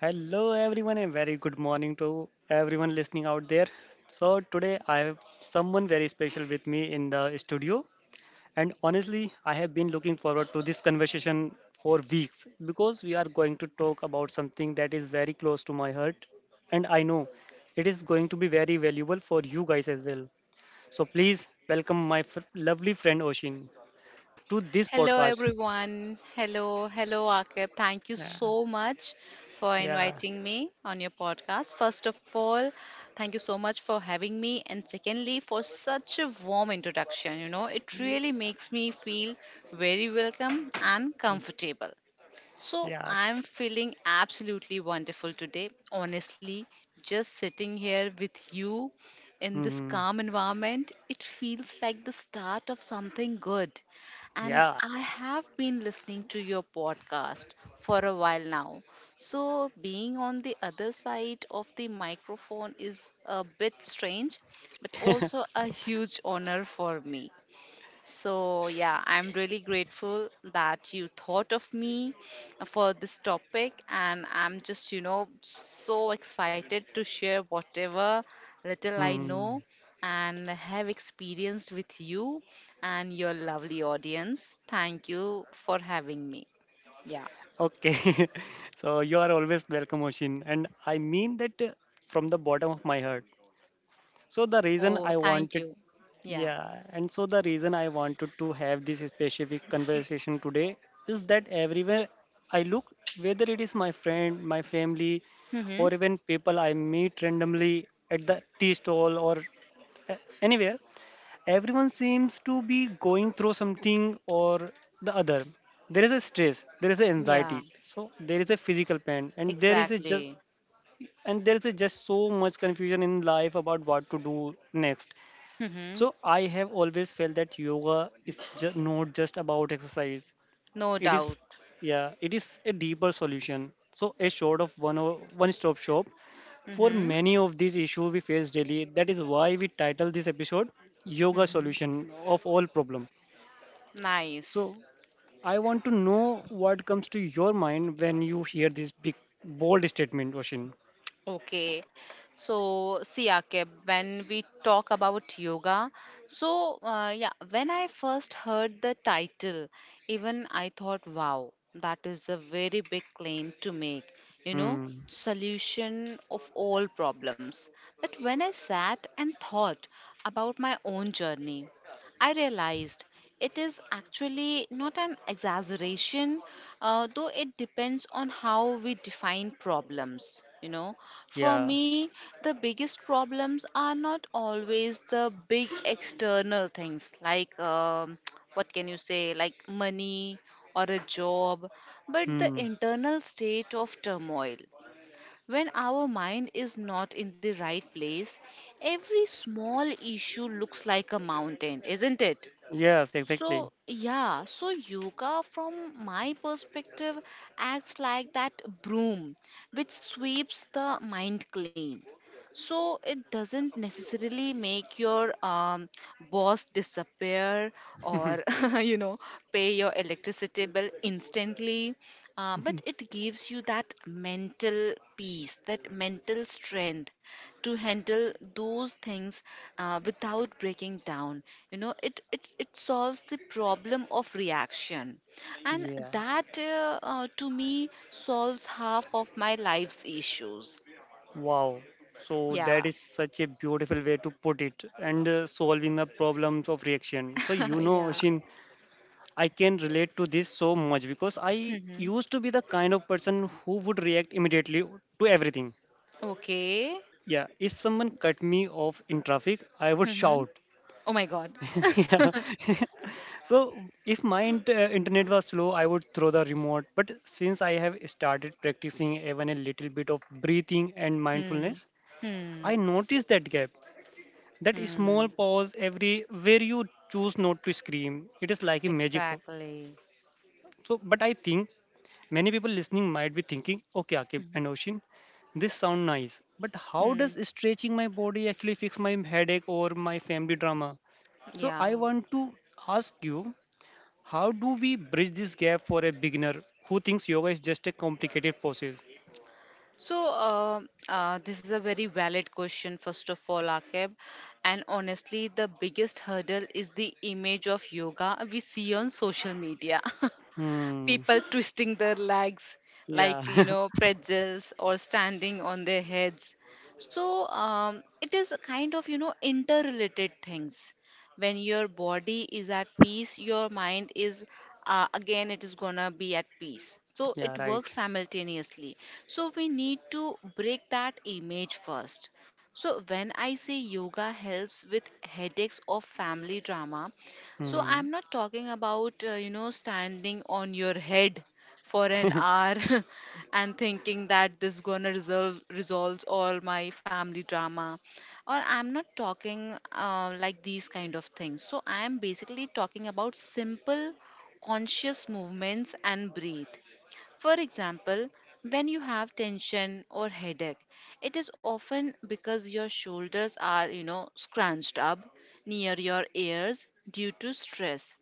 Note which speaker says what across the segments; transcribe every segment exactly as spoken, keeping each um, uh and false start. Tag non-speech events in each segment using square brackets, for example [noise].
Speaker 1: Hello, everyone, and very good morning to everyone listening out there. So, today I have someone very special with me in the studio, and honestly, I have been looking forward to this conversation for weeks because we are going to talk about something that is very close to my heart, and I know it is going to be very valuable for you guys as well. So, please welcome my f- lovely friend Oshin to this
Speaker 2: Hello,
Speaker 1: podcast.
Speaker 2: everyone. Hello, hello, Akib. Thank you
Speaker 1: Yeah.
Speaker 2: so much for
Speaker 1: Yeah.
Speaker 2: inviting me on your podcast. First of all, thank you so much for having me, and secondly, for such a warm introduction. You know, it
Speaker 1: Yeah.
Speaker 2: really makes me feel very welcome and comfortable. So
Speaker 1: Yeah.
Speaker 2: I'm feeling absolutely wonderful today. Honestly, just sitting here with you in this
Speaker 1: Mhm.
Speaker 2: calm environment, it feels like the start of something good. And
Speaker 1: Yeah.
Speaker 2: I have been listening to your podcast for a while now. So being on the other side of the microphone is a bit strange, but also a huge honor for me. So, yeah, I'm really grateful that you thought of me for this topic, and I'm just, you know, so excited to share whatever little I know
Speaker 1: Hmm.
Speaker 2: and have experienced with you and your lovely audience. Thank you for having me. Yeah.
Speaker 1: Okay. [laughs] So you are always welcome, Oshin. And I mean that uh, from the bottom of my heart. So the reason
Speaker 2: Oh,
Speaker 1: I
Speaker 2: thank
Speaker 1: wanted,
Speaker 2: you. Yeah.
Speaker 1: Yeah, and so the reason I wanted to have this specific conversation today is that everywhere I look, whether it is my friend, my family,
Speaker 2: Mm-hmm.
Speaker 1: or even people I meet randomly at the tea stall or a- anywhere, everyone seems to be going through something or the other. There is a stress, there is an
Speaker 2: Yeah,
Speaker 1: anxiety, so there is a physical pain, and there is a just
Speaker 2: exactly.
Speaker 1: and there is a just so much confusion in life about what to do next.
Speaker 2: Mm-hmm.
Speaker 1: So, I have always felt that yoga is ju- not just about exercise.
Speaker 2: No
Speaker 1: It is,
Speaker 2: doubt.
Speaker 1: yeah, it is a deeper solution, so a sort of one o- one stop shop for
Speaker 2: Mm-hmm.
Speaker 1: many of these issues we face daily. That is why we title this episode Yoga
Speaker 2: Mm-hmm.
Speaker 1: Solution of All Problem.
Speaker 2: Nice.
Speaker 1: So I want to know what comes to your mind when you hear this big bold statement, Oshin.
Speaker 2: Okay, so see, Akib, when we talk about yoga, so uh, yeah, when I first heard the title, even I thought, wow, that is a very big claim to make, you know,
Speaker 1: Hmm.
Speaker 2: solution of all problems. But when I sat and thought about my own journey, I realized it is actually not an exaggeration, uh, though it depends on how we define problems. You know, for
Speaker 1: Yeah.
Speaker 2: me, the biggest problems are not always the big external things like um, [tsk] what can you say, like money or a job, but the
Speaker 1: Hmm.
Speaker 2: internal state of turmoil. When our mind is not in the right place, every small issue looks like a mountain, isn't it?
Speaker 1: Yes, exactly.
Speaker 2: So, yeah, so yoga from my perspective acts like that broom which sweeps the mind clean. So it doesn't necessarily make your um, boss disappear or
Speaker 1: [laughs]
Speaker 2: [laughs] you know pay your electricity bill instantly, uh, but it gives you that mental peace, that mental strength to handle those things uh, without breaking down. You know, it it it solves the problem of reaction, and
Speaker 1: Yeah.
Speaker 2: that uh, uh, to me solves half of my life's issues.
Speaker 1: Wow. So
Speaker 2: Yeah.
Speaker 1: that is such a beautiful way to put it and uh, solving the problems of reaction. So you
Speaker 2: [laughs]
Speaker 1: know,
Speaker 2: yeah.
Speaker 1: Oshin, I can relate to this so much because I
Speaker 2: Mm-hmm.
Speaker 1: used to be the kind of person who would react immediately to everything.
Speaker 2: Okay.
Speaker 1: Yeah, if someone cut me off in traffic, I would
Speaker 2: Mm-hmm.
Speaker 1: shout.
Speaker 2: Oh my God.
Speaker 1: [laughs] Yeah. [laughs] So if my int- uh, internet was slow, I would throw the remote. But since I have started practicing even a little bit of breathing and
Speaker 2: Hmm.
Speaker 1: mindfulness,
Speaker 2: Hmm.
Speaker 1: I noticed that gap. That
Speaker 2: Hmm.
Speaker 1: small pause every where you choose not to scream. It is like a magic. fo-
Speaker 2: Exactly.
Speaker 1: So, but I think many people listening might be thinking, okay, Akib
Speaker 2: Hmm.
Speaker 1: and Oshin, this sound nice, but how
Speaker 2: hmm
Speaker 1: does stretching my body actually fix my headache or my family drama? So
Speaker 2: Yeah.
Speaker 1: I want to ask you, how do we bridge this gap for a beginner who thinks yoga is just a complicated process?
Speaker 2: So, uh, uh, this is a very valid question, first of all, Akib. And honestly, the biggest hurdle is the image of yoga we see on social media. [laughs]
Speaker 1: Hmm.
Speaker 2: People twisting their legs
Speaker 1: Yeah.
Speaker 2: like you know
Speaker 1: [laughs]
Speaker 2: pretzels or standing on their heads, so um, it is a kind of you know interrelated things. When your body is at peace, your mind is, uh, again, it is gonna be at peace, so
Speaker 1: Yeah.
Speaker 2: it
Speaker 1: Right.
Speaker 2: works simultaneously. So we need to break that image first. So when I say yoga helps with headaches or family drama, so
Speaker 1: Hmm.
Speaker 2: I'm not talking about, uh, you know, standing on your head for an hour [laughs] and thinking that this gonna resolve resolves all my family drama. Or I'm not talking uh, like these kind of things. So I am basically talking about simple conscious movements and breathe. For example, when you have tension or headache, it is often because your shoulders are, you know, scrunched up near your ears due to stress,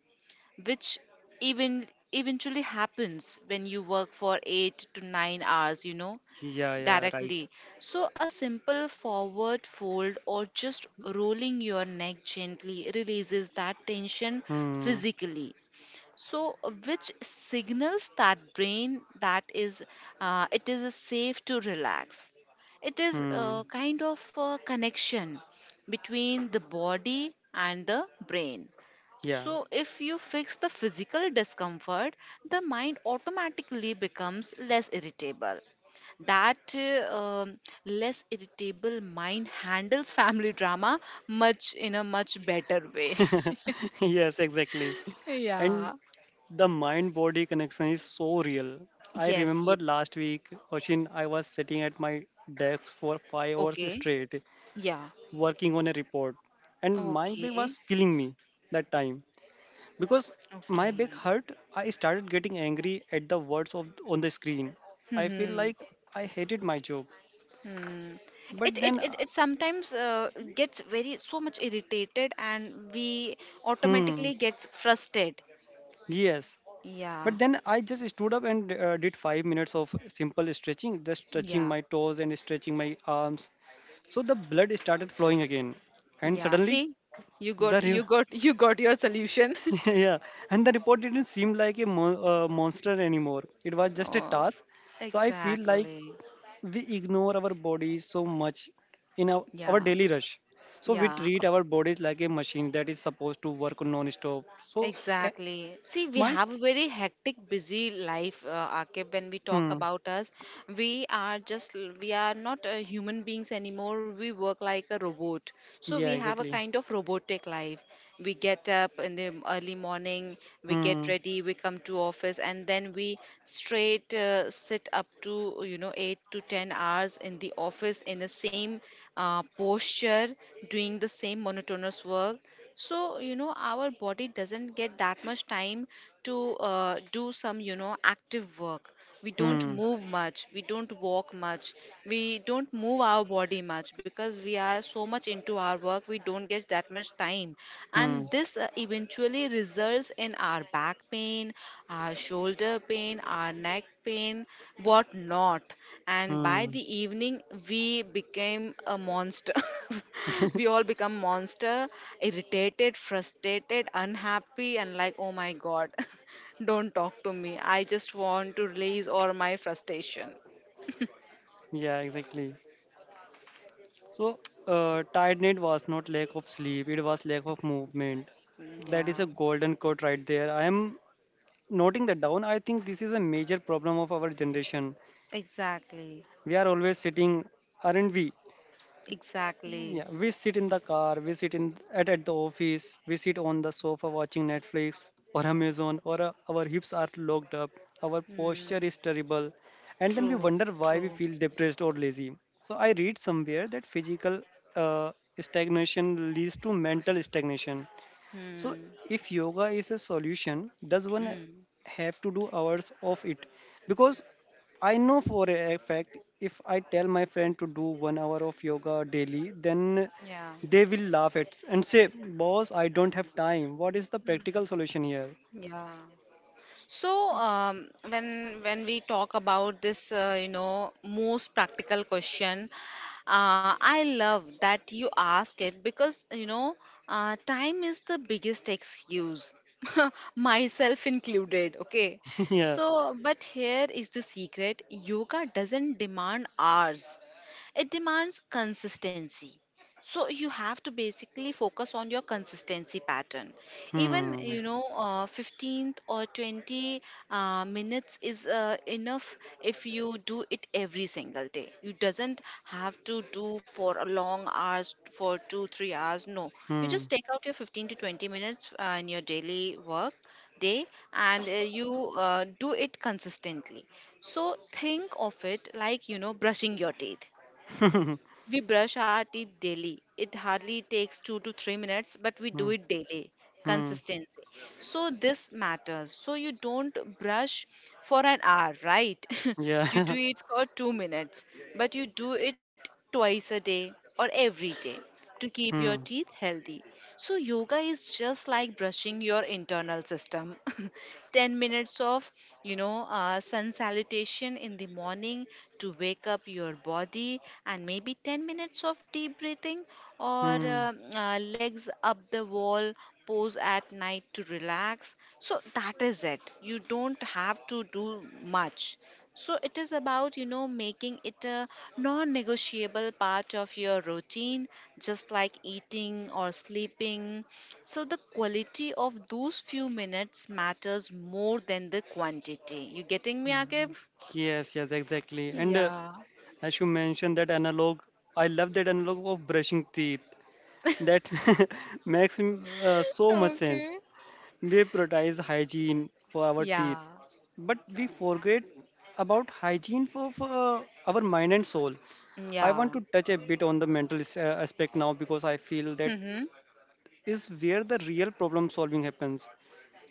Speaker 2: which even eventually happens when you work for eight to nine hours, you know,
Speaker 1: Yeah. Yeah. Right.
Speaker 2: directly. So a simple forward fold or just rolling your neck gently releases that tension
Speaker 1: Hmm.
Speaker 2: physically, so uh, which signals that brain that is uh, it is uh, safe to relax. It is
Speaker 1: Hmm.
Speaker 2: a kind of a connection between the body and the brain.
Speaker 1: Yeah.
Speaker 2: So if you fix the physical discomfort, the mind automatically becomes less irritable. That uh, um, Less irritable mind handles family drama much in a much better way.
Speaker 1: [laughs] Yes, exactly. And the mind body connection is so real.
Speaker 2: [laughs]
Speaker 1: I
Speaker 2: Yes,
Speaker 1: remember
Speaker 2: yes.
Speaker 1: last week, Oshin, I was sitting at my desk for five hours
Speaker 2: Okay,
Speaker 1: straight
Speaker 2: yeah.
Speaker 1: working on a report, and my back
Speaker 2: Okay.
Speaker 1: was killing me that time because my back
Speaker 2: Okay.
Speaker 1: hurt. I started getting angry at the words of, on the screen. I feel like
Speaker 2: Hmm.
Speaker 1: I hated my job.
Speaker 2: Hmm. It,
Speaker 1: but
Speaker 2: it
Speaker 1: then, uh,
Speaker 2: it it sometimes uh, gets very so much irritated and we
Speaker 1: hmm,
Speaker 2: automatically gets frustrated.
Speaker 1: yes.
Speaker 2: Yeah.
Speaker 1: But then I just stood up and uh, did five minutes of simple stretching, just stretching
Speaker 2: Yeah.
Speaker 1: my toes and stretching my arms. So the blood started flowing again, and
Speaker 2: Yeah.
Speaker 1: suddenly
Speaker 2: See? You
Speaker 1: the
Speaker 2: got, you
Speaker 1: re-
Speaker 2: got [laughs] you got your solution. [laughs]
Speaker 1: [laughs] yeah, and the report didn't seem like a mo- uh, monster anymore. It was just a
Speaker 2: Oh,
Speaker 1: task. So I feel like
Speaker 2: exactly.
Speaker 1: we ignore our bodies so much in our, our
Speaker 2: Yeah.
Speaker 1: daily rush. So we
Speaker 2: Yeah.
Speaker 1: treat our bodies like a machine that is supposed to work non-stop. So he-
Speaker 2: Exactly. See, we
Speaker 1: my
Speaker 2: have a very hectic, busy life, uh, Akib. When we talk
Speaker 1: hmm
Speaker 2: about us, we are just, we are not uh, human beings anymore. We work like a robot. So we
Speaker 1: yeah,
Speaker 2: have a
Speaker 1: exactly.
Speaker 2: kind of robotic life. We get up in the early morning, we get
Speaker 1: Hmm.
Speaker 2: ready, we come to office, and then we straight uh, sit up to, you know, eight to ten hours in the office in the same uh, posture, doing the same monotonous work. So you know, our body doesn't get that much time to uh, do some, you know, active work. We don't
Speaker 1: Hmm.
Speaker 2: move much, we don't walk much, we don't move our body much, because we are so much into our work we don't get that much time. And
Speaker 1: Hmm.
Speaker 2: this uh, eventually results in our back pain, our shoulder pain, our neck pain, what not. And by the
Speaker 1: Hmm.
Speaker 2: evening, we became a monster. [laughs] We
Speaker 1: [laughs]
Speaker 2: all become monster, irritated, frustrated, unhappy, and like, oh my god, [laughs] don't talk to me. I just want to release all my frustration.
Speaker 1: Yeah, exactly. So, uh, tiredness was not lack of sleep; it was lack of movement.
Speaker 2: Mm,
Speaker 1: That is
Speaker 2: yeah,
Speaker 1: a golden quote right there. I am noting that down. I think this is a major problem of our generation.
Speaker 2: exactly,
Speaker 1: We are always sitting, aren't we?
Speaker 2: exactly.
Speaker 1: Yeah, we sit in the car, we sit in at, at the office, we sit on the sofa watching Netflix or Amazon, or uh, our hips are locked up, our posture
Speaker 2: Hmm.
Speaker 1: is terrible, and then we
Speaker 2: True,
Speaker 1: wonder why we
Speaker 2: true.
Speaker 1: feel depressed or lazy. So I read somewhere that physical uh, stagnation leads to mental stagnation. So,
Speaker 2: Hmm.
Speaker 1: if yoga is a solution, does one
Speaker 2: Hmm.
Speaker 1: have to do hours of it? Because I know for a fact if I tell my friend to do one hour of yoga daily, then
Speaker 2: Yeah,
Speaker 1: they will laugh at and say, "Boss, I don't have time. What is the practical solution here?"
Speaker 2: yeah. So, um, when when we talk about this, uh, you know, most practical question, uh, I love that you asked it, because you know, uh, time is the biggest excuse, [laughs] myself included. Okay,
Speaker 1: [laughs] Yeah.
Speaker 2: so but here is the secret: yoga doesn't demand hours; it demands consistency. So you have to basically focus on your consistency pattern. Even
Speaker 1: Hmm.
Speaker 2: you know, uh, fifteenth or twenty uh, minutes is uh, enough if you do it every single day. You doesn't have to do for a long hours, for two three hours, no. You just
Speaker 1: Hmm.
Speaker 2: take out your fifteen to twenty minutes uh, in your daily work day and uh, you uh, do it consistently. So think of it like, you know, brushing your teeth.
Speaker 1: [laughs] Hmm.
Speaker 2: We brush our teeth daily. It hardly takes two to three minutes, but we do it daily.
Speaker 1: Hmm.
Speaker 2: Consistency. So this matters. So you don't brush for an hour, right? [laughs] You
Speaker 1: Yeah.
Speaker 2: do
Speaker 1: [laughs]
Speaker 2: it for two minutes, but you do it twice a day or every day to keep your
Speaker 1: Hmm.
Speaker 2: teeth healthy. So yoga is just like brushing your internal system. [laughs] ten minutes of, you know, uh, sun salutation in the morning to wake up your body, and maybe ten minutes of deep breathing or
Speaker 1: Hmm.
Speaker 2: um uh, legs up the wall pose at night to relax. So, that is it. You don't have to do much. So it is about, you know, making it a non negotiable part of your routine, just like eating or sleeping. So the quality of those few minutes matters more than the quantity. You getting me, Akib?
Speaker 1: Yes, yes, exactly. And uh,
Speaker 2: Yeah.
Speaker 1: as you mentioned that analog, I love that analog of brushing teeth. That [laughs] makes uh, so much sense.
Speaker 2: Okay.
Speaker 1: We prioritize hygiene for our teeth,
Speaker 2: Yeah.
Speaker 1: but we forget about hygiene for, for uh, our mind and soul. I want
Speaker 2: Yeah.
Speaker 1: to touch a bit on the mental as- uh, aspect now because I feel that
Speaker 2: Mm-hmm.
Speaker 1: is where the real problem solving happens.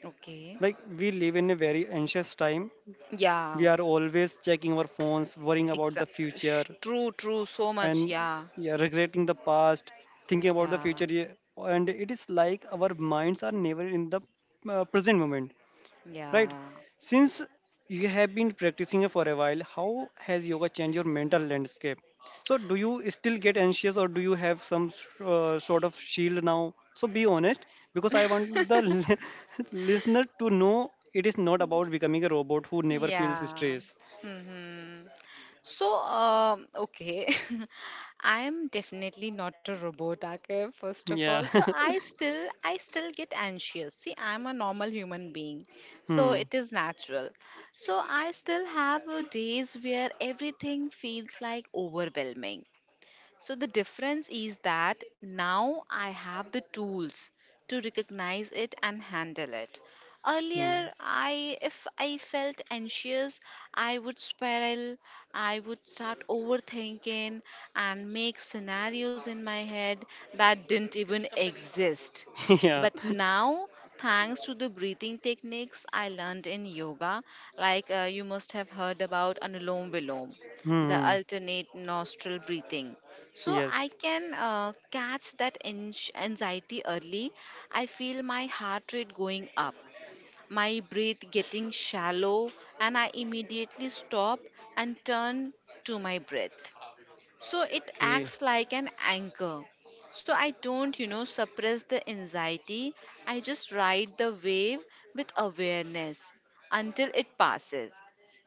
Speaker 2: Okay.
Speaker 1: Like, we live in a very anxious time.
Speaker 2: Yeah.
Speaker 1: We are always checking our phones, worrying about the
Speaker 2: Exactly.
Speaker 1: future,
Speaker 2: True, true. So much.
Speaker 1: and
Speaker 2: Yeah.
Speaker 1: yeah, regretting the past, thinking about the
Speaker 2: Yeah.
Speaker 1: future. Yeah. And it is like our minds are never in the uh, present moment, right?
Speaker 2: Yeah.
Speaker 1: Since you have been practicing for a while, how has yoga changed your mental landscape? So, do you still get anxious or do you have some uh, sort of shield now? So, be honest because I want the li- [laughs] listener to know it is not about becoming a robot who never feels
Speaker 2: Yeah.
Speaker 1: stress.
Speaker 2: hmm So, um, okay, [laughs] I am definitely not a robot, okay, first of all.
Speaker 1: Yeah.
Speaker 2: So I
Speaker 1: [laughs]
Speaker 2: still, I still get anxious. See, I'm a normal human being, so
Speaker 1: Hmm.
Speaker 2: it is natural. So I still have uh, days where everything feels like overwhelming. So the difference is that now I have the tools to recognize it and handle it.
Speaker 1: Hmm.
Speaker 2: Earlier, I if I felt anxious, I would spiral, I would start overthinking and make scenarios in my head that didn't even exist.
Speaker 1: [laughs] Yeah.
Speaker 2: But now, thanks to the breathing techniques I learned in yoga, like uh, you must have heard about Anulom Vilom, the
Speaker 1: Hmm.
Speaker 2: alternate nostril breathing. So I
Speaker 1: Yes.
Speaker 2: can uh, catch that anx- anxiety early. I feel my heart rate going up, my breath getting shallow, and I immediately stop and turn to my breath. So it
Speaker 1: Okay.
Speaker 2: acts like an anchor. So I don't, you know, suppress the anxiety. I just ride the wave with awareness until it passes.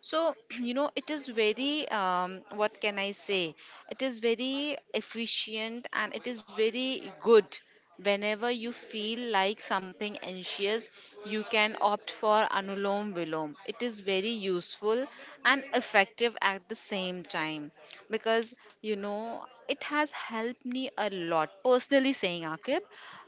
Speaker 2: So, [clears throat] you know, it is very, um, what can I say? It is very efficient and it is very good. Whenever you feel like something anxious, you can opt for Anulom Vilom. It is very useful and effective at the same time, because you know it has helped me a lot personally saying Akib.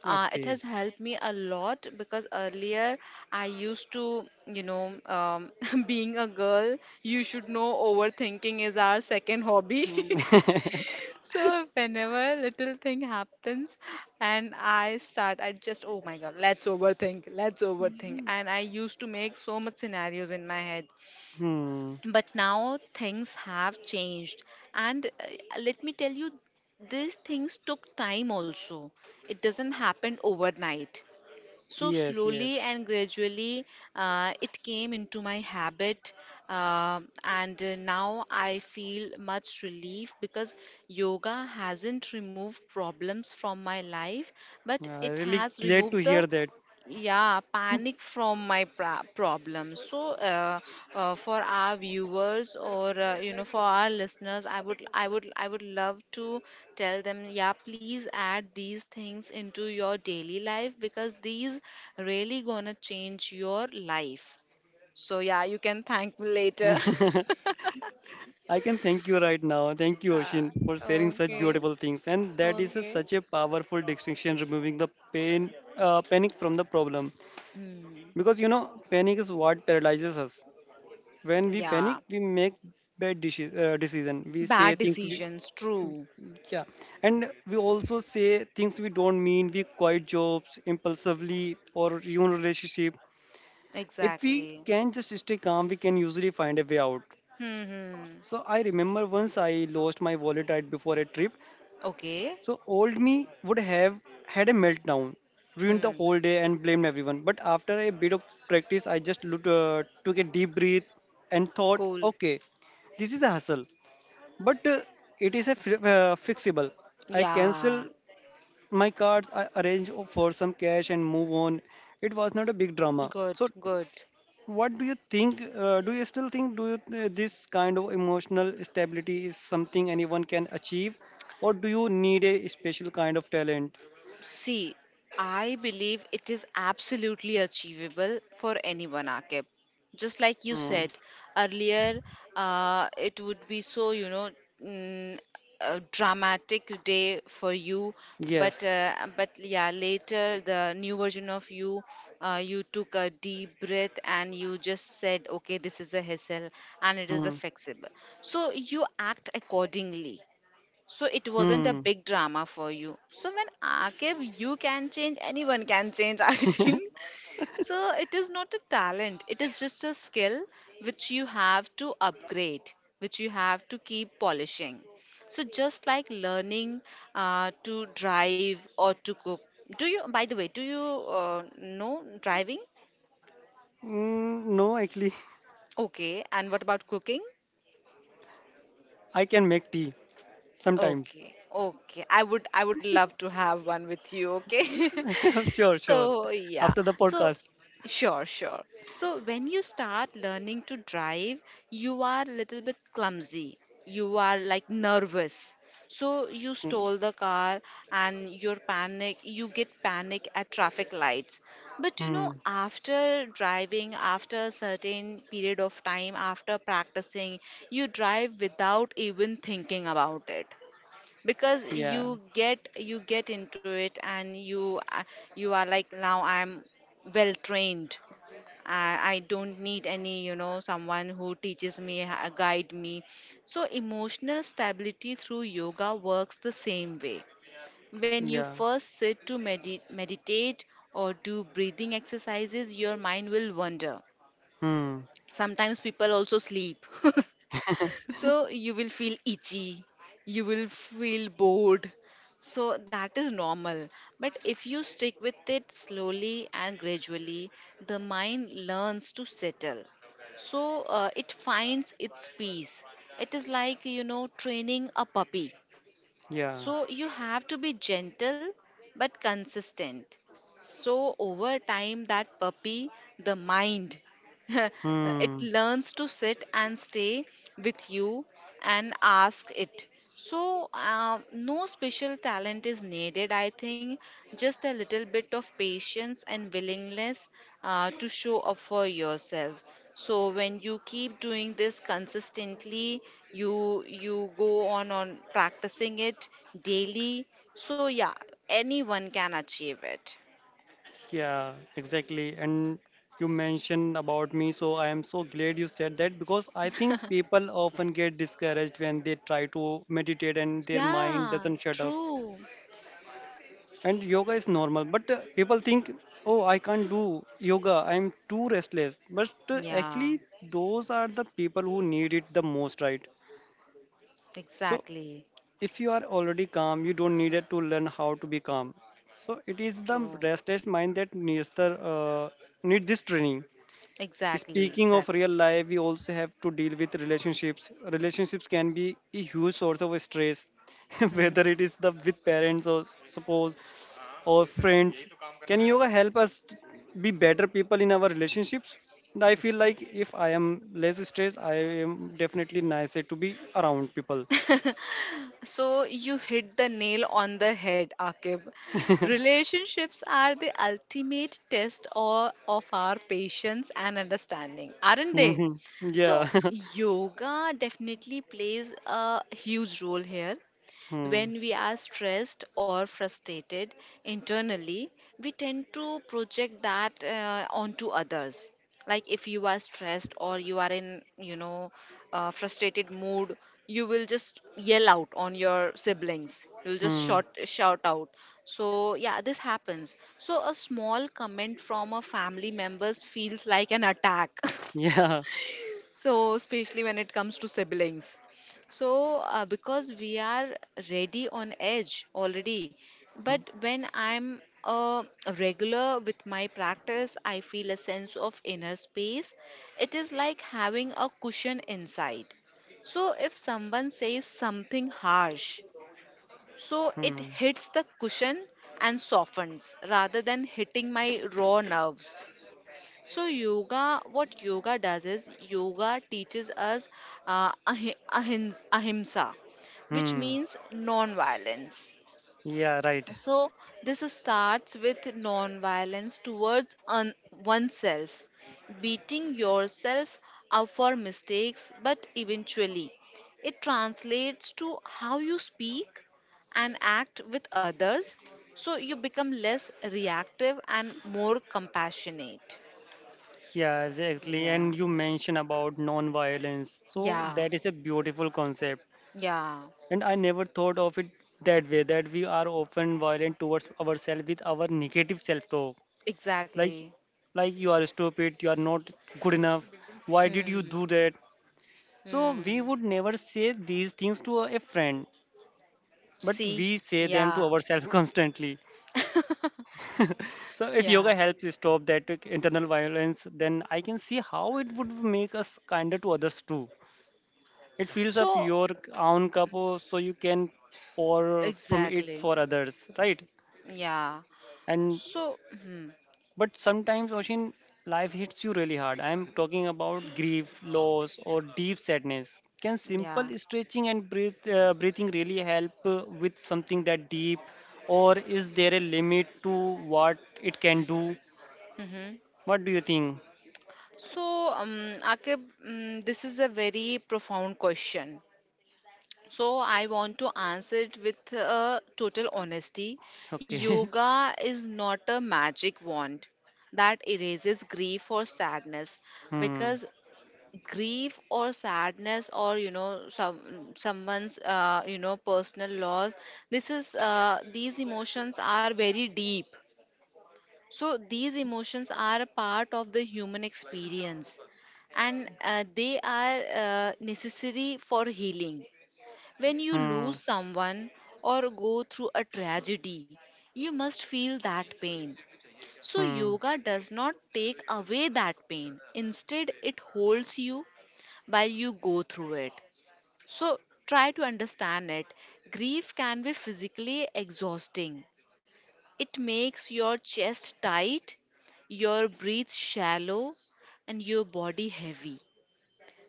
Speaker 2: uh, It
Speaker 1: Okay.
Speaker 2: has helped me a lot because earlier I used to, you know, um, [laughs] being a girl, you should know overthinking is our second hobby. [laughs]
Speaker 1: [laughs]
Speaker 2: So whenever little thing happens, and i start i just, oh my god, let's overthink, let's overthink, and I used to make so much scenarios in my head.
Speaker 1: Hmm.
Speaker 2: But now things have changed, and uh, let me tell you, these things took time also, it doesn't happen overnight. So
Speaker 1: Yes.
Speaker 2: slowly
Speaker 1: Yes.
Speaker 2: and gradually, uh, it came into my habit. Um and uh, Now I feel much relief, because yoga hasn't removed problems from my life, but
Speaker 1: Yeah,
Speaker 2: it
Speaker 1: really
Speaker 2: has
Speaker 1: glad to
Speaker 2: removed the
Speaker 1: hear that.
Speaker 2: yeah, panic from my pra- problem. So, uh, uh, for our viewers or uh, you know, for our listeners, I would I would I would love to tell them, yeah, please add these things into your daily life, because these really gonna change your life. So yeah, you can thank me later. [laughs]
Speaker 1: [laughs] I can thank you right now. Thank you,
Speaker 2: Ah,
Speaker 1: Oshin, for sharing such
Speaker 2: okay,
Speaker 1: beautiful things. And that is a,
Speaker 2: okay.
Speaker 1: such a powerful distinction, removing the pain, uh, panic from the problem.
Speaker 2: Hmm.
Speaker 1: Because you know, panic is what paralyzes us. When we
Speaker 2: Yeah,
Speaker 1: panic, we make bad deci- uh, decision. We say
Speaker 2: bad
Speaker 1: things.
Speaker 2: decisions. True.
Speaker 1: Yeah, and we also say things we don't mean. We quit jobs impulsively or ruin relationship. If we
Speaker 2: Exactly.
Speaker 1: can just stay calm, we can usually find a way out.
Speaker 2: Hmm, hmm.
Speaker 1: So I remember once I lost my wallet right before a trip.
Speaker 2: Okay.
Speaker 1: So old me would have had a meltdown, ruined the
Speaker 2: Hmm.
Speaker 1: whole day, and blamed everyone. But after a bit of practice, I just looked, uh, took a deep breath and thought,
Speaker 2: Cool.
Speaker 1: okay, this is a hustle, but uh, it is a fi- uh, fixable. I cancel
Speaker 2: Yeah.
Speaker 1: my cards, I arranged for some cash and move on. It was not a big drama.
Speaker 2: Good.
Speaker 1: So,
Speaker 2: Good.
Speaker 1: what do you think? Uh, do you still think do you, uh, This kind of emotional stability is something anyone can achieve, or do you need a special kind of talent?
Speaker 2: See, I believe it is absolutely achievable for anyone, Akib. Just like you
Speaker 1: Hmm.
Speaker 2: said earlier, uh, it would be so, you know, mm, a dramatic day for you, but
Speaker 1: Yes.
Speaker 2: uh, but yeah, later the new version of you, uh, you took a deep breath and you just said, okay, this is a hassle and it is a
Speaker 1: Hmm.
Speaker 2: flexible. So you act accordingly, so it wasn't a
Speaker 1: Hmm.
Speaker 2: big drama for you. So when Akib, you can change, anyone can change, [laughs] I think. So it is not a talent, it is just a skill which you have to upgrade, which you have to keep polishing. So just like learning uh, to drive or to cook. Do you, by the way, do you uh, know driving?
Speaker 1: Mm, no, actually,
Speaker 2: Okay, and what about cooking?
Speaker 1: [laughs] I can make tea sometimes.
Speaker 2: Okay, okay. I would I would love to have one with you, okay?
Speaker 1: [laughs]
Speaker 2: [laughs]
Speaker 1: Sure, sure.
Speaker 2: So, yeah.
Speaker 1: After the
Speaker 2: So,
Speaker 1: podcast.
Speaker 2: sure, sure. So, when you start learning to drive, you are a little bit clumsy. You are like nervous. So, you
Speaker 1: Hmm.
Speaker 2: stole the car and your panic, you get panic at traffic lights. But you know,
Speaker 1: Hmm.
Speaker 2: after driving, after a certain period of time, after practicing, you drive without even thinking about it because
Speaker 1: Yeah.
Speaker 2: you get you get into it and you a- you are like, now I'm well trained. I, I don't need any, you know, someone who teaches me, ha- guide me. So emotional stability through yoga works the same way. When you
Speaker 1: Yeah.
Speaker 2: first sit to medi- meditate or do breathing exercises, your mind will wander.
Speaker 1: Hmm.
Speaker 2: Sometimes people also sleep. [laughs] So you will feel itchy, you will feel bored. So that is normal. But if you stick with it slowly and gradually, the mind learns to settle. So uh, it finds its peace. It is like, you know, training a puppy.
Speaker 1: Yeah.
Speaker 2: So you have to be gentle but consistent. So over time, that puppy, the mind, [laughs] it
Speaker 1: Hmm.
Speaker 2: learns to sit and stay with you and ask it. So uh, no special talent is needed, I think, just a little bit of patience and willingness uh, to show up for yourself. So when you keep doing this consistently, you you go on on practicing it daily. So yeah, anyone can achieve it.
Speaker 1: Yeah, exactly. And you mentioned about me, so I am so glad you said that because I think people often get discouraged when they try to meditate and their mind
Speaker 2: Yeah.
Speaker 1: doesn't shut up.
Speaker 2: True.
Speaker 1: And yoga is normal, but uh, people think, oh, I can't do yoga, I'm too restless. But uh,
Speaker 2: Yeah.
Speaker 1: actually, those are the people who need it the most, right? So
Speaker 2: Exactly.
Speaker 1: if you are already calm, you don't need it to learn how to be calm. So it is the
Speaker 2: True.
Speaker 1: restless mind that needs the uh, need this training.
Speaker 2: Exactly.
Speaker 1: Speaking of
Speaker 2: Exactly.
Speaker 1: real life, we also have to deal with relationships. Relationships can be a huge source of stress, [laughs] whether it
Speaker 2: Hmm.
Speaker 1: is the with parents or suppose or friends. Can yoga help us be better people in our relationships? And I feel like if I am less stressed, I am definitely nicer to be around people.
Speaker 2: So you hit the nail on the head, Akib. Relationships are the ultimate test or, of our patience and understanding, aren't they?
Speaker 1: Hmm. Yeah.
Speaker 2: So
Speaker 1: [laughs]
Speaker 2: yoga definitely plays a huge role here.
Speaker 1: Hmm.
Speaker 2: When we are stressed or frustrated internally, we tend to project that uh, onto others. Like if you are stressed or you are in, you know, uh, frustrated mood, you will just yell out on your siblings. You'll just
Speaker 1: Hmm.
Speaker 2: shout shout out. So yeah, this happens. So a small comment from a family members feels like an attack. [laughs]
Speaker 1: Yeah.
Speaker 2: So, especially when it comes to siblings. So, uh, because we are ready on edge already, but
Speaker 1: Hmm.
Speaker 2: when I'm a regular with my practice, I feel a sense of inner space. It is like having a cushion inside. So, if someone says something harsh, so it
Speaker 1: Hmm.
Speaker 2: hits the cushion and softens rather than hitting my raw nerves. So yoga, what yoga does is yoga teaches us uh, ahi- ahins- ahimsa, which
Speaker 1: Hmm.
Speaker 2: means non-violence.
Speaker 1: Yeah. Right.
Speaker 2: So this is- starts with non-violence towards un- oneself, beating yourself up for mistakes, but eventually it translates to how you speak and act with others. So you become less reactive and more compassionate.
Speaker 1: Yeah, exactly. And
Speaker 2: Yeah.
Speaker 1: you mentioned about non-violence. So
Speaker 2: Yeah,
Speaker 1: that is a beautiful concept.
Speaker 2: yeah,
Speaker 1: And I never thought of it that way, that we are often violent towards ourselves with our negative self-talk. Like
Speaker 2: exactly.
Speaker 1: like you are stupid, you are not good enough. Why did you
Speaker 2: Hmm,
Speaker 1: do that? So we
Speaker 2: hmm.
Speaker 1: would never say these things to a friend, but
Speaker 2: See?
Speaker 1: we say them to
Speaker 2: Yeah,
Speaker 1: ourselves [laughs] constantly.
Speaker 2: [laughs]
Speaker 1: So if
Speaker 2: yeah.
Speaker 1: yoga helps you stop that internal violence, then I can see how it would make us kinder to others too. It fills up
Speaker 2: So,
Speaker 1: your own cup uh, so you can pour from it
Speaker 2: exactly.
Speaker 1: for others, right?
Speaker 2: Yeah.
Speaker 1: And
Speaker 2: So, hmm,
Speaker 1: but sometimes, Oshin, life hits you really hard. I'm talking about grief, loss, or deep sadness. Can
Speaker 2: yeah.
Speaker 1: simple stretching and breath, uh, breathing really help uh, with something that deep, or is there a limit to what it can do?
Speaker 2: Mm-hmm.
Speaker 1: What do you think?
Speaker 2: So, um, Akib, um, this is a very profound question. So, I want to answer it with uh, total honesty.
Speaker 1: Okay.
Speaker 2: Yoga is not a magic wand that erases grief or sadness,
Speaker 1: [laughs] Hmm.
Speaker 2: because grief or sadness or you know some someone's uh, you know personal loss, this is uh, these emotions are very deep. So these emotions are a part of the human experience and uh, they are uh, necessary for healing. When you
Speaker 1: Hmm.
Speaker 2: lose someone or go through a tragedy, you must feel that pain. So
Speaker 1: Hmm.
Speaker 2: yoga does not take away that pain, instead it holds you while you go through it. So try to understand it. Grief can be physically exhausting, it makes your chest tight, your breath shallow, and your body heavy.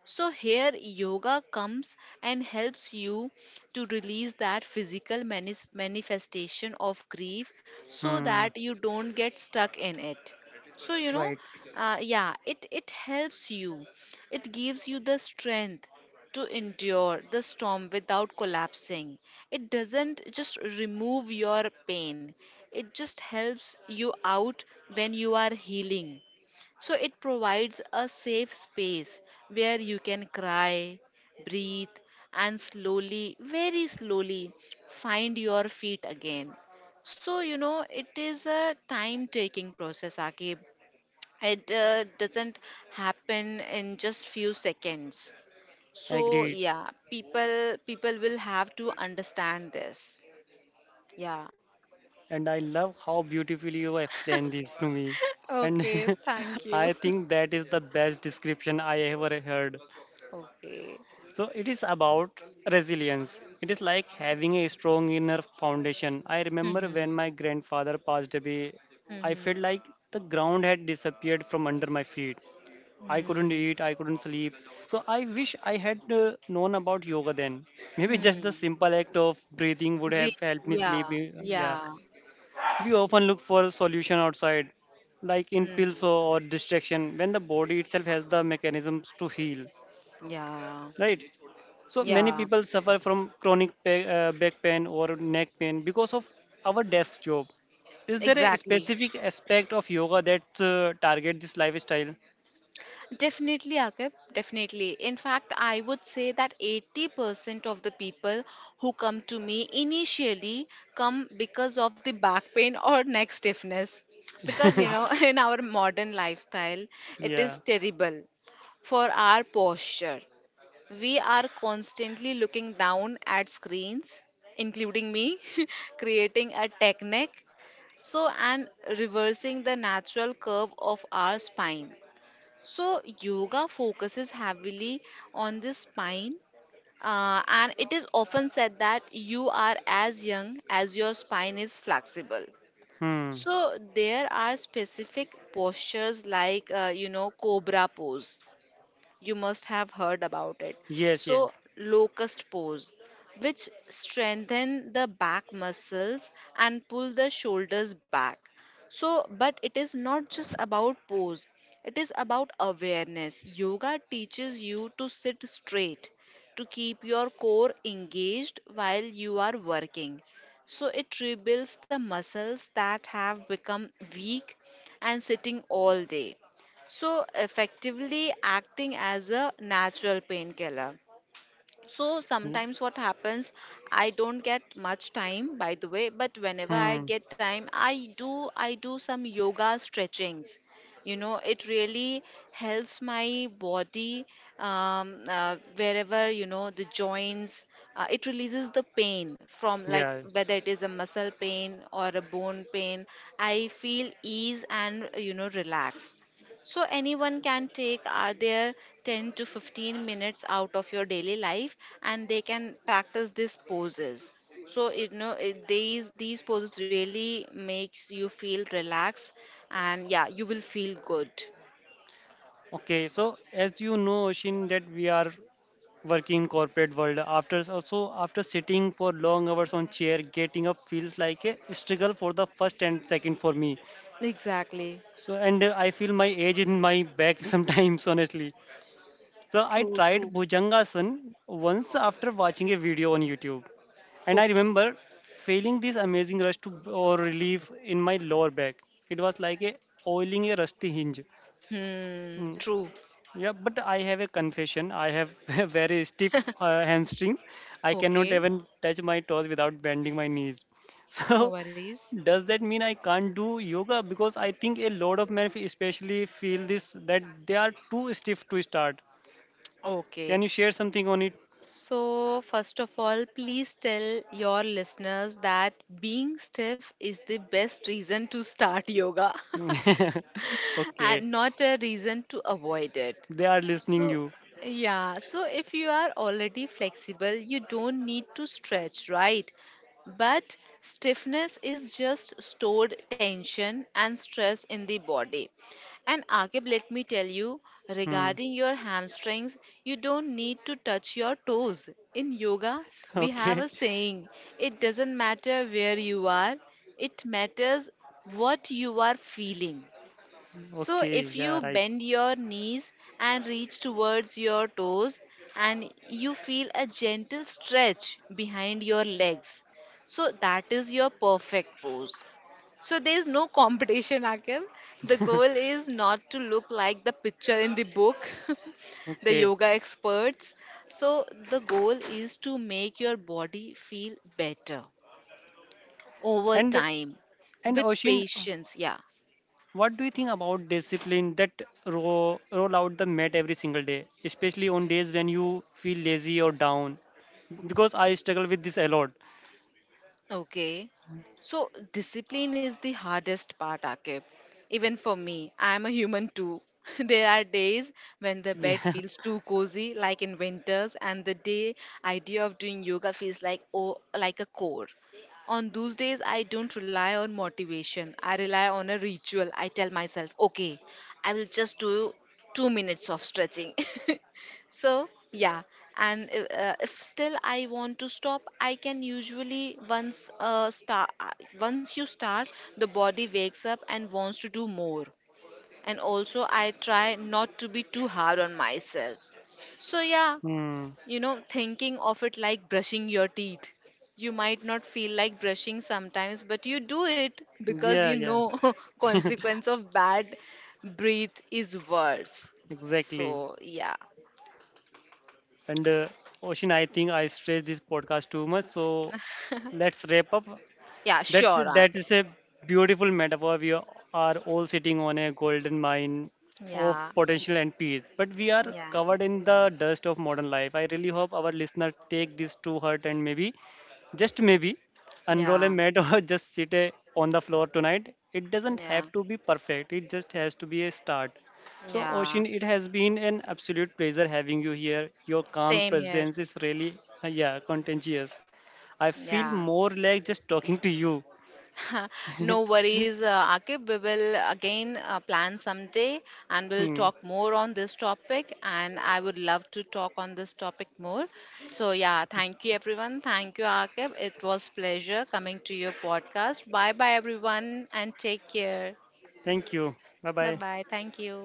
Speaker 2: So here yoga comes and helps you to release that physical manis- manifestation of grief so
Speaker 1: Hmm.
Speaker 2: that you don't get stuck in it. So you know,
Speaker 1: Right.
Speaker 2: uh, yeah, it it helps you. It gives you the strength to endure the storm without collapsing. It doesn't just remove your pain. It just helps you out when you are healing. So it provides a safe space where you can cry, breathe, and slowly, very slowly, find your feet again. So, you know, it is a time taking process, Akib. It uh, doesn't happen in just few seconds. So,
Speaker 1: Agreed.
Speaker 2: yeah, people people will have to understand this. Yeah.
Speaker 1: And I love how beautifully you explained this to me. And
Speaker 2: Okay, thank
Speaker 1: [laughs]
Speaker 2: you.
Speaker 1: I
Speaker 2: [laughs]
Speaker 1: think that is the best description I ever heard.
Speaker 2: Okay.
Speaker 1: So it is about resilience. It is like having a strong inner foundation. I remember
Speaker 2: Hmm,
Speaker 1: when my grandfather passed away, I felt
Speaker 2: hmm,
Speaker 1: like the ground had disappeared from under my feet. I couldn't
Speaker 2: hmm.
Speaker 1: eat, I couldn't sleep. So I wish I had uh, known about yoga then. Maybe just the
Speaker 2: Hmm.
Speaker 1: simple act of breathing would have
Speaker 2: Great.
Speaker 1: helped me
Speaker 2: Yeah.
Speaker 1: sleep. eh, Yeah.
Speaker 2: Yeah.
Speaker 1: We often look for a solution outside, like in pills or distraction, when the body itself has the mechanisms to heal,
Speaker 2: Yeah.
Speaker 1: right? So many
Speaker 2: Yeah.
Speaker 1: people suffer from chronic pa- uh, back pain or neck pain because of our desk job. Is there a
Speaker 2: Exactly.
Speaker 1: specific aspect of yoga that uh, target this lifestyle?
Speaker 2: Definitely, Akib. Definitely. In fact, I would say that eighty percent of the people who come to me initially come because of the back pain [laughs] or neck stiffness. Because, you
Speaker 1: [laughs]
Speaker 2: know, [laughs] in our modern lifestyle, it is
Speaker 1: Yeah.
Speaker 2: terrible for our posture. We are constantly looking down at screens, including me, [laughs] creating a technique, so and reversing the natural curve of our spine. So, yoga focuses heavily on the spine, uh, and it is often said that you are as young as your spine is flexible.
Speaker 1: Hmm.
Speaker 2: So, there are specific postures like, uh, you know, cobra pose, you must have heard about it.
Speaker 1: Yes,
Speaker 2: So,
Speaker 1: yes.
Speaker 2: locust pose, which strengthen the back muscles and pull the shoulders back. So, but it is not just about pose, it is about awareness. Yoga teaches you to sit straight, to keep your core engaged while you are working. So, it rebuilds the muscles that have become weak and sitting all day. So, effectively acting as a natural painkiller. So,
Speaker 1: Hmm.
Speaker 2: sometimes what happens, I don't get much time, by the way, but whenever I
Speaker 1: Hmm.
Speaker 2: get time, I do I do some yoga stretchings. You know, it really helps my body um, uh, wherever you know the joints. Uh, it releases the pain from like
Speaker 1: Yeah.
Speaker 2: whether it is a muscle pain or a bone pain. I feel ease and you know relax. So anyone can take uh, their ten to fifteen minutes out of your daily life and they can practice these poses. So you know it, these these poses really makes you feel relaxed, and yeah, you will feel good.
Speaker 1: Okay. So, as you know, Shin, that we are working in corporate world. After also, after sitting for long hours on chair, getting up feels like a struggle for the first and second for me.
Speaker 2: Exactly.
Speaker 1: So and uh, I feel my age in my back [laughs] sometimes, honestly. So I
Speaker 2: True,
Speaker 1: tried
Speaker 2: true.
Speaker 1: Bhujangasana once after watching a video on YouTube, and I
Speaker 2: Okay.
Speaker 1: remember feeling this amazing rush to, or relief in my lower back. It was like a oiling a rusty hinge.
Speaker 2: Hmm,
Speaker 1: Hmm.
Speaker 2: true.
Speaker 1: Yeah, but I have a confession. I have [laughs] a very stiff uh, hamstrings. I cannot
Speaker 2: Okay.
Speaker 1: even touch my toes without bending my knees. [laughs]
Speaker 2: No
Speaker 1: So,
Speaker 2: worries.
Speaker 1: does that mean I can't do yoga? Because I think a lot of men, especially, feel this that they are too stiff to start.
Speaker 2: Okay.
Speaker 1: Can you share something on it?
Speaker 2: So, first of all, please tell your listeners that being stiff is the best reason to start yoga, [laughs]
Speaker 1: [laughs] Okay,
Speaker 2: and not a reason to avoid it.
Speaker 1: they are listening
Speaker 2: So,
Speaker 1: you.
Speaker 2: yeah, so if you are already flexible, you don't need to stretch, right? But stiffness is just stored tension and stress in the body. And Akib, let me tell you,
Speaker 1: Hmm.
Speaker 2: regarding
Speaker 1: [laughs]
Speaker 2: your hamstrings, you don't need to touch your toes. In yoga, we have
Speaker 1: Okay,
Speaker 2: a saying, it doesn't matter where you are, it matters what you are feeling. So,
Speaker 1: okay,
Speaker 2: if you
Speaker 1: yeah, right.
Speaker 2: bend your knees and reach towards your toes, and you feel a gentle stretch behind your legs, so that is your perfect pose. So, there is no competition, Akil. The goal is not to look like the picture in the book, [laughs] the
Speaker 1: Okay,
Speaker 2: yoga experts. So, the goal is to make your body feel better over
Speaker 1: and
Speaker 2: time
Speaker 1: and
Speaker 2: with
Speaker 1: Oshin,
Speaker 2: patience. Yeah.
Speaker 1: what do you think about discipline that roll, roll out the mat every single day, especially on days when you feel lazy or down? Because I struggle with this a lot.
Speaker 2: Okay. So discipline is the hardest part, Akib. Even for me, I am a human too. [laughs] There are days when the bed
Speaker 1: Yeah. [laughs]
Speaker 2: feels too cozy, like in winters, and the day idea of doing yoga feels like oh, like a core. On those days, I don't rely on motivation. I rely on a ritual. I tell myself, okay, I will just do two minutes of stretching. [laughs] So, yeah, and if, uh, if still I want to stop, I can usually once uh, start once you start, the body wakes up and wants to do more. And also I try not to be too hard on myself. So, yeah,
Speaker 1: Hmm.
Speaker 2: you know, thinking of it like brushing your teeth. You might not feel like brushing sometimes, but you do it because you
Speaker 1: Yeah, yeah.
Speaker 2: know [laughs]
Speaker 1: [laughs]
Speaker 2: consequence of bad breath is worse.
Speaker 1: Exactly.
Speaker 2: So, yeah.
Speaker 1: And uh, Ocean, I think I stressed this podcast too much. So let's wrap up.
Speaker 2: Yeah,
Speaker 1: That's
Speaker 2: sure,
Speaker 1: that
Speaker 2: Rakesh.
Speaker 1: is a beautiful metaphor. We are all sitting on a golden mine of
Speaker 2: Yeah,
Speaker 1: potential and peace, but we are
Speaker 2: yeah,
Speaker 1: covered in the dust of modern life. I really hope our listeners take this to heart and maybe, just maybe, unroll a
Speaker 2: yeah,
Speaker 1: mat or [laughs] just sit a, on the floor tonight. It doesn't
Speaker 2: yeah,
Speaker 1: have to be perfect. It just has to be a start. So,
Speaker 2: yeah.
Speaker 1: Oshin, it has been an absolute pleasure having you here. Your calm
Speaker 2: Same here.
Speaker 1: presence is really, uh, yeah, contagious. I feel
Speaker 2: Yeah.
Speaker 1: more like just talking to you.
Speaker 2: [laughs] No worries, uh, Akib. We will again uh, plan someday and we'll
Speaker 1: Hmm.
Speaker 2: talk more on this topic. And I would love to talk on this topic more. So, yeah, thank you, everyone. Thank you, Akib. It was pleasure coming to your podcast. Bye bye, everyone, and take care.
Speaker 1: Thank you. Bye
Speaker 2: Bye
Speaker 1: bye.
Speaker 2: bye. Thank you.